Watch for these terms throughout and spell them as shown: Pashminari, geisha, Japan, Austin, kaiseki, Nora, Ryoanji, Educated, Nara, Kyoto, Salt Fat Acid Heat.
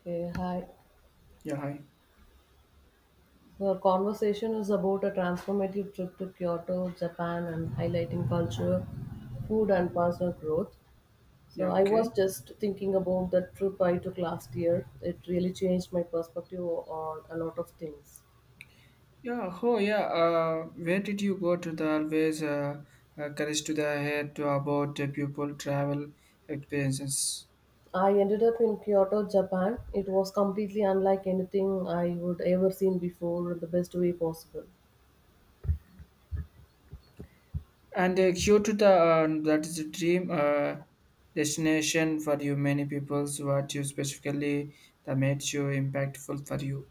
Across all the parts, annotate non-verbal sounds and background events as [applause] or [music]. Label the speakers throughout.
Speaker 1: Okay, hi.
Speaker 2: Yeah, hi.
Speaker 1: So our conversation is about a transformative trip to Kyoto, Japan, and highlighting culture, food, and personal growth. So
Speaker 2: Yeah,
Speaker 1: I
Speaker 2: okay.
Speaker 1: was just thinking about the trip I took last year. It really changed my perspective on a lot of things.
Speaker 2: Yeah, oh yeah. Where did you go to the always courage to the head to about pupil travel experiences?
Speaker 1: I ended up in Kyoto, Japan. It was completely unlike anything I would ever seen before in the best way possible.
Speaker 2: And due to the that is a dream destination for you many peoples. What you specifically that made you impactful for you?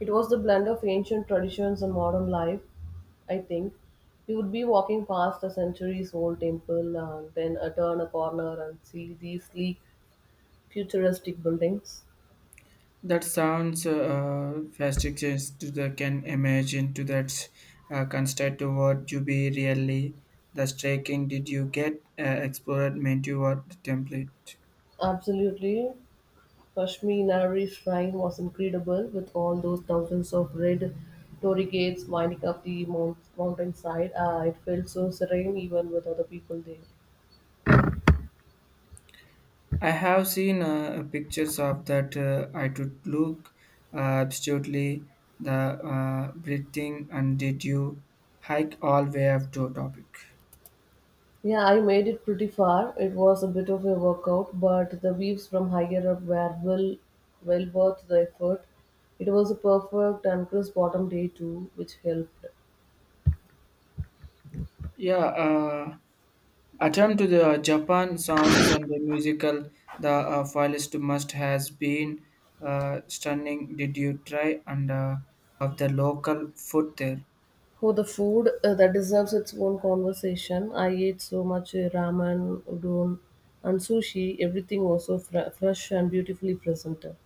Speaker 1: It was the blend of ancient traditions and modern life, I think. You would be walking past a centuries old temple and then turn a corner and see these sleek, futuristic buildings.
Speaker 2: That sounds fastidious to the can imagine to that construct to what you be really the striking. Did you get explored menu or the template?
Speaker 1: Absolutely. Pashminari shrine was incredible with all those thousands of red torii gates winding up the mountainside. It felt so serene even with other people there.
Speaker 2: I have seen pictures of that. I would look uh, absolutely the breathing and did you hike all way up to a topic?
Speaker 1: Yeah, I made it pretty far. It was a bit of a workout, but the views from higher up were well worth the effort. It was a perfect and crisp autumn day too, which helped.
Speaker 2: Yeah. Uh, Attempt to the Japan sounds and the musical, the filist must has been stunning. Did you try and of the local food there?
Speaker 1: Oh, the food that deserves its own conversation. I ate so much ramen, udon, and sushi. Everything was so fresh and beautifully presented.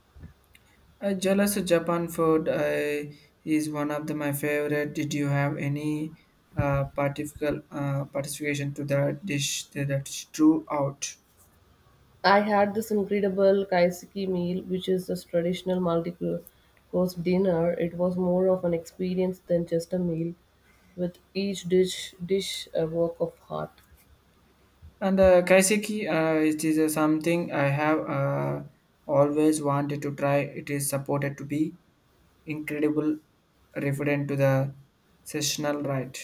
Speaker 2: Jealous of Japan food is one of the, my favorite. Did you have any particular participation to the dish that drew out?
Speaker 1: I had this incredible kaiseki meal, which is this traditional multi-course dinner. It was more of an experience than just a meal, with each dish a work of art.
Speaker 2: And kaiseki, it is something I have always wanted to try. It is supported to be. Incredible referent to the sessional right.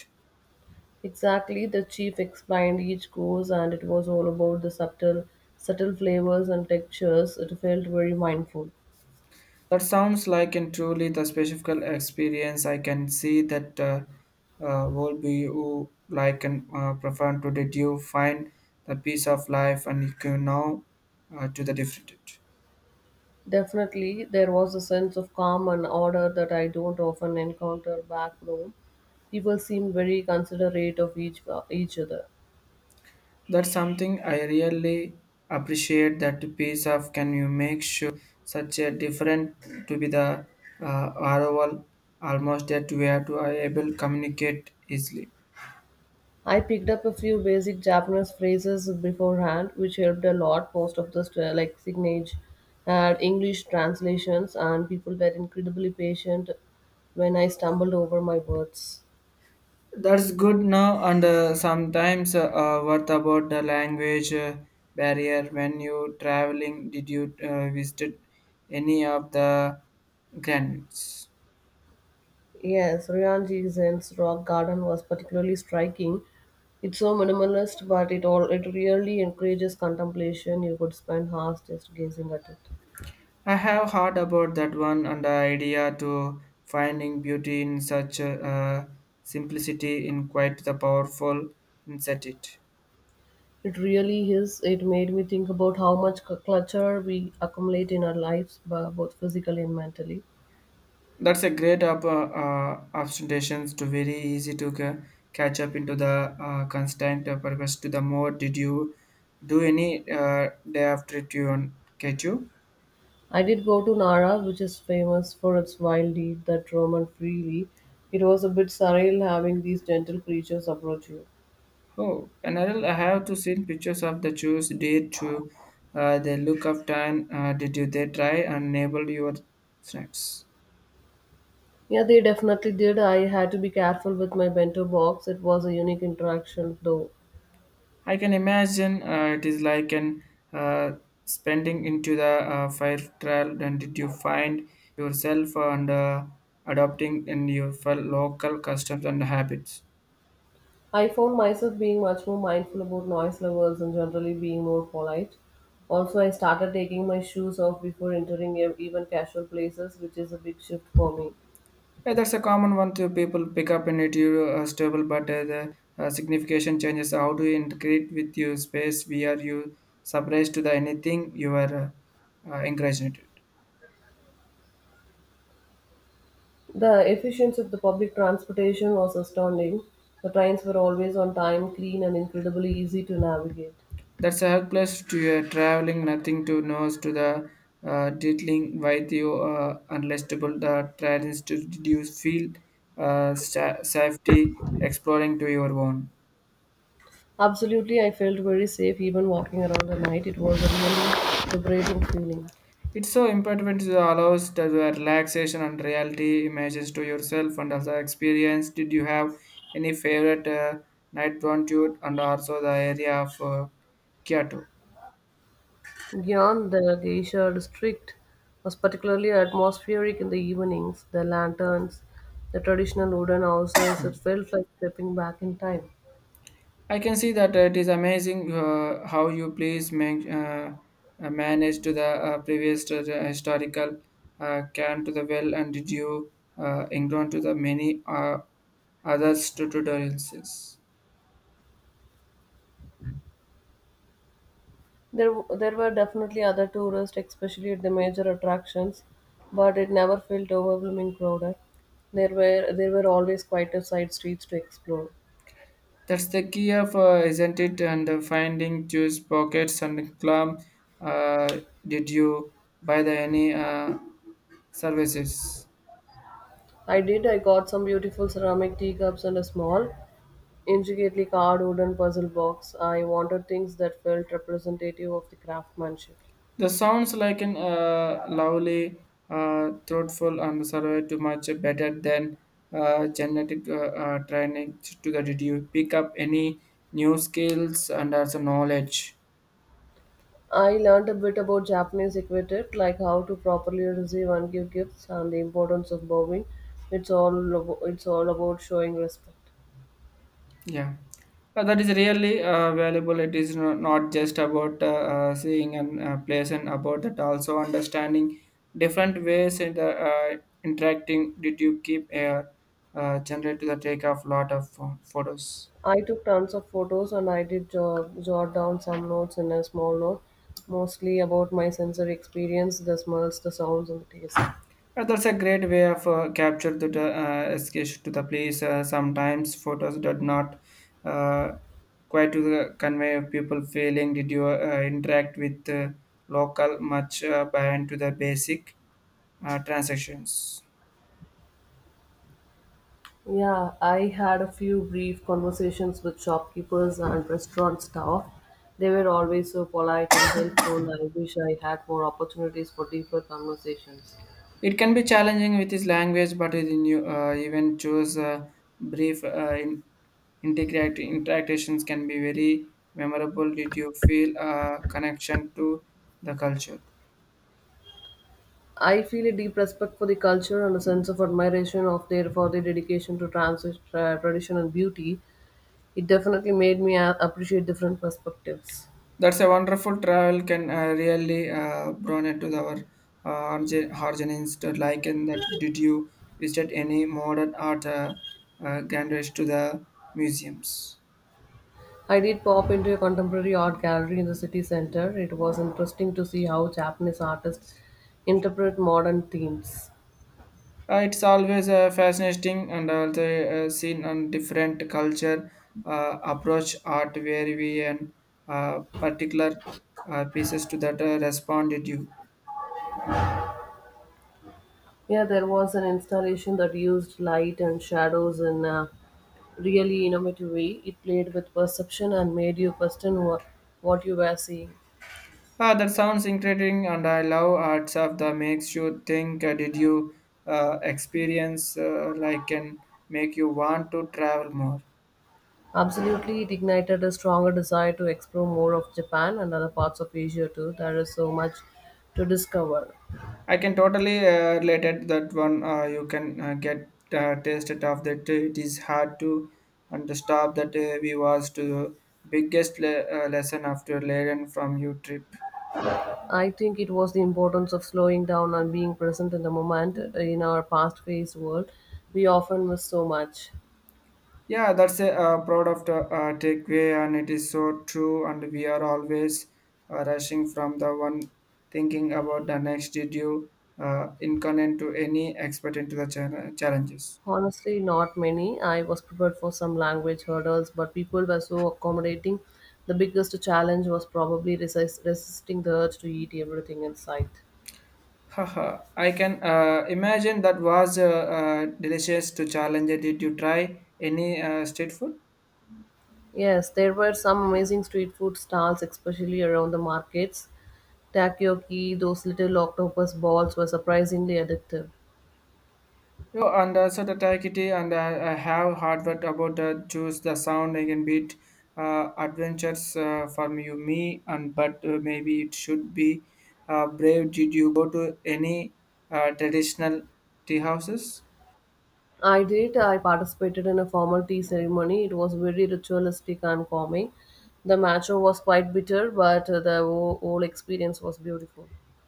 Speaker 1: Exactly, the chief explained each course, and it was all about the subtle flavors and textures. It felt very mindful.
Speaker 2: That sounds like and truly the specific experience. I can see that will be who like and profound to did you find the peace of life and you can now to the different.
Speaker 1: Definitely, there was a sense of calm and order that I don't often encounter back home. People seemed very considerate of each other.
Speaker 2: That's something I really appreciate that piece of can you make sure such a different to be the ROL almost that we are to I able communicate easily.
Speaker 1: I picked up a few basic Japanese phrases beforehand, which helped a lot. Most of the like signage had English translations, and people were incredibly patient when I stumbled over my words.
Speaker 2: That's good now, and sometimes what about the language barrier when you traveling? Did you visit any of the granites?
Speaker 1: Yes, Ryanji Zen's rock garden was particularly striking. It's so minimalist, but it all it really encourages contemplation. You could spend hours just gazing at it.
Speaker 2: I have heard about that one and the idea to finding beauty in such simplicity in quite the powerful insert it.
Speaker 1: It really is. It made me think about how much clutter we accumulate in our lives, both physically and mentally.
Speaker 2: That's a great up, abstentions to very easy to catch up into the constant purpose to the more. Did you do any day after it you on catch you?
Speaker 1: I did go to Nara, which is famous for its wild deed that roam and freely. It was a bit surreal having these gentle creatures approach you.
Speaker 2: Oh, and I have to seen pictures of the choose did to the look of time. Did you they try and enable your snacks?
Speaker 1: Yeah, they definitely did. I had to be careful with my bento box. It was a unique interaction, though.
Speaker 2: I can imagine it is like an uh, spending into the fire trial. And did you find yourself and adopting in your local customs and habits?
Speaker 1: I found myself being much more mindful about noise levels and generally being more polite. Also, I started taking my shoes off before entering even casual places, which is a big shift for me.
Speaker 2: Yeah, that's a common one to people pick up in it. You are stable, but the signification changes. How do you integrate with your space? Where you surprised to the anything you are encouraging it?
Speaker 1: The efficiency of the public transportation was astounding. The trains were always on time, clean, and incredibly easy to navigate.
Speaker 2: That's helpless to your traveling, nothing to nose to the diddling with you unlistable the tries to reduce feel safety exploring to your own.
Speaker 1: Absolutely, I felt very safe even walking around at night. It was a really liberating feeling.
Speaker 2: It's so important to allows the relaxation and reality images to yourself and also experience. Did you have any favorite night want you and also the area of Kyoto?
Speaker 1: Beyond the geisha district was particularly atmospheric in the evenings, the lanterns, the traditional wooden houses, it felt like stepping back in time.
Speaker 2: I can see that it is amazing how you please manage to the previous to the historical can to the well and did you engage to the many other tutorials.
Speaker 1: There were definitely other tourists, especially at the major attractions, but it never felt overwhelming crowded. There were always quieter side streets to explore.
Speaker 2: That's the key of isn't it and finding juice pockets and clump. Uh, did you buy the any services?
Speaker 1: I did. I got some beautiful ceramic teacups and a small, intricately carved wooden puzzle box. I wanted things that felt representative of the craftsmanship.
Speaker 2: The sounds like an lovely, thoughtful, and survey to much better than genetic training to get it. You pick up any new skills and also knowledge.
Speaker 1: I learned a bit about Japanese etiquette, like how to properly receive and give gifts, and the importance of bowing. It's all about showing respect.
Speaker 2: Yeah, that is really valuable. It is not just about seeing and place and about that also understanding different ways and interacting. Did you keep a generate to the take of lot of photos?
Speaker 1: I took tons of photos and I did jot down some notes in a small note, mostly about my sensory experience, the smells, the sounds, and the taste.
Speaker 2: That's a great way of capture the escape to the place. Sometimes photos did not uh, quite to the convey of people feeling. Did you interact with local much band to the basic transactions?
Speaker 1: Yeah, I had a few brief conversations with shopkeepers and restaurant staff. They were always so polite and helpful. I wish I had more opportunities for deeper conversations.
Speaker 2: It can be challenging with his language, but in you even choose brief integrate interactions can be very memorable. Did you feel a connection to the culture?
Speaker 1: I feel a deep respect for the culture and a sense of admiration of their for their dedication to trans tradition and beauty. It definitely made me appreciate different perspectives.
Speaker 2: That's a wonderful travel can really bring it to our origins to like in that did you visit any modern art galleries to the museums?
Speaker 1: I did pop into a contemporary art gallery in the city center. It was interesting to see how Japanese artists interpret modern themes.
Speaker 2: It's always fascinating and also seen on different culture approach art where we and particular pieces to that responded you.
Speaker 1: Yeah, there was an installation that used light and shadows in a really innovative way. It played with perception and made you question what you were seeing.
Speaker 2: Ah, that sounds incredible, and I love art stuff that makes you think. Did you experience like can make you want to travel more?
Speaker 1: Absolutely, it ignited a stronger desire to explore more of Japan and other parts of Asia too. There is so much to discover.
Speaker 2: I can totally relate it that one. You can get tasted of that. It is hard to understand that we was to biggest lesson after learning from your trip.
Speaker 1: I think it was the importance of slowing down and being present in the moment. In our fast paced world, we often miss so much.
Speaker 2: Yeah, that's a proud of the takeaway, and it is so true. And we are always rushing from the one thinking about the next. Did you incarnate to any expert into the challenges?
Speaker 1: Honestly, not many. I was prepared for some language hurdles, but people were so accommodating. The biggest challenge was probably resisting the urge to eat everything in sight.
Speaker 2: [laughs] Haha, I can imagine that was delicious to challenge it. Did you try any street food?
Speaker 1: Yes, there were some amazing street food stalls, especially around the markets. Takoyaki, those little octopus balls, were surprisingly addictive.
Speaker 2: Oh, and also the Taikiti and I have heard what about choose the sound again beat adventures from you me and but maybe it should be brave. Did you go to any traditional tea houses?
Speaker 1: I did. I participated in a formal tea ceremony. It was very ritualistic and calming. The matcha was quite bitter, but the whole experience was beautiful.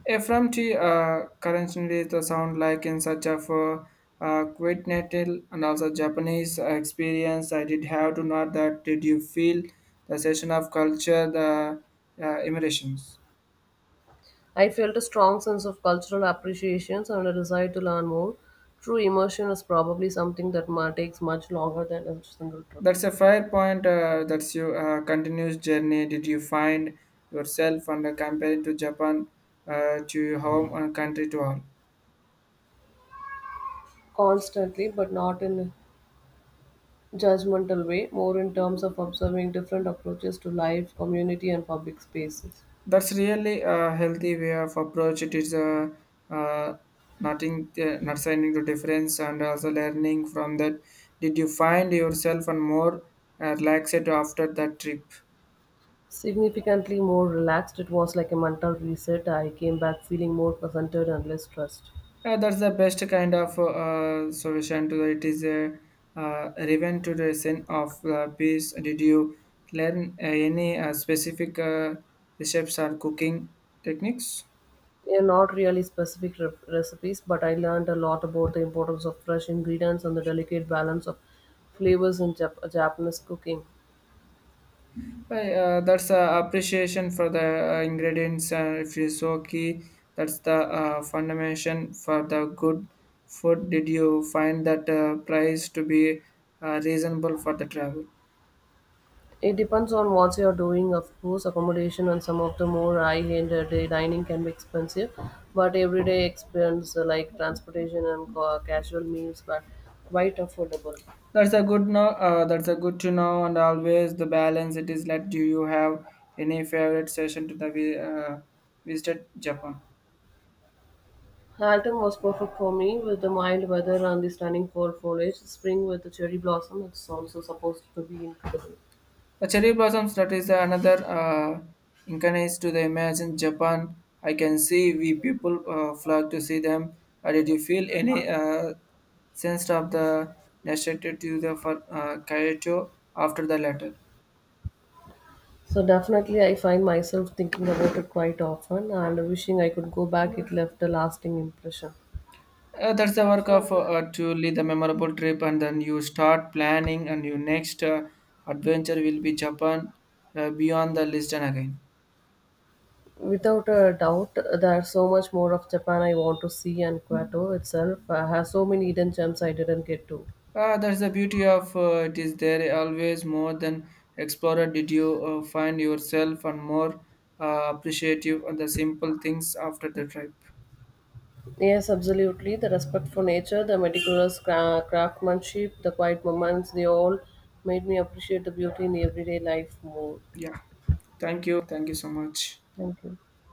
Speaker 2: Ephraim tea currently the sound like in such of quite natal and also Japanese experience. I did have to know that. Did you feel the session of culture the immersions?
Speaker 1: I felt a strong sense of cultural appreciation and a desire to learn more. True immersion is probably something that takes much longer than a single trip.
Speaker 2: That's a fair point. That's your continuous journey. Did you find yourself and compared to Japan to your home and country to all?
Speaker 1: Constantly, but not in judgmental way, more in terms of observing different approaches to life, community, and public spaces.
Speaker 2: That's really a healthy way of approach. It is uh, nothing, not signing to difference and also learning from that. Did you find yourself and more relaxed after that trip?
Speaker 1: Significantly more relaxed, it was like a mental reset. I came back feeling more presented and less stressed.
Speaker 2: Yeah, that's the best kind of solution to it is a revenge to the sin of peace. Did you learn any specific recipes or cooking techniques?
Speaker 1: They are not really specific recipes, but I learned a lot about the importance of fresh ingredients and the delicate balance of flavors in Japanese cooking.
Speaker 2: Hey, that's appreciation for the ingredients. If you so key, that's the foundation for the good food. Did you find that price to be reasonable for the travel?
Speaker 1: It depends on what you're doing, of course. Accommodation and some of the more high-end day dining can be expensive, but everyday expense like transportation and casual meals were quite affordable.
Speaker 2: That's a good know. That's a good to know, and always the balance it is like. Do you have any favorite session to the visited Japan?
Speaker 1: Halton was perfect for me with the mild weather and the stunning fall foliage. Spring with the cherry blossom, it's also supposed to be incredible.
Speaker 2: The cherry blossoms. That is another incarnate to the imagine Japan. I can see we people flock to see them. Did you feel any sense of the necessity to the for Kyoto after the letter?
Speaker 1: So definitely, I find myself thinking about it quite often and wishing I could go back. It left a lasting impression.
Speaker 2: That's the work of to lead the memorable trip, and then you start planning, and your next adventure will be Japan, beyond the Lisbon again.
Speaker 1: Without a doubt, there's so much more of Japan I want to see, and Kyoto itself has so many hidden gems I didn't get to.
Speaker 2: That's the beauty of it is there always more than explorer. Did you find yourself and more appreciative of the simple things after the trip?
Speaker 1: Yes, absolutely. The respect for nature, the meticulous craftsmanship, the quiet moments, they all made me appreciate the beauty in everyday life more.
Speaker 2: Yeah, thank you so much.
Speaker 1: Thank you.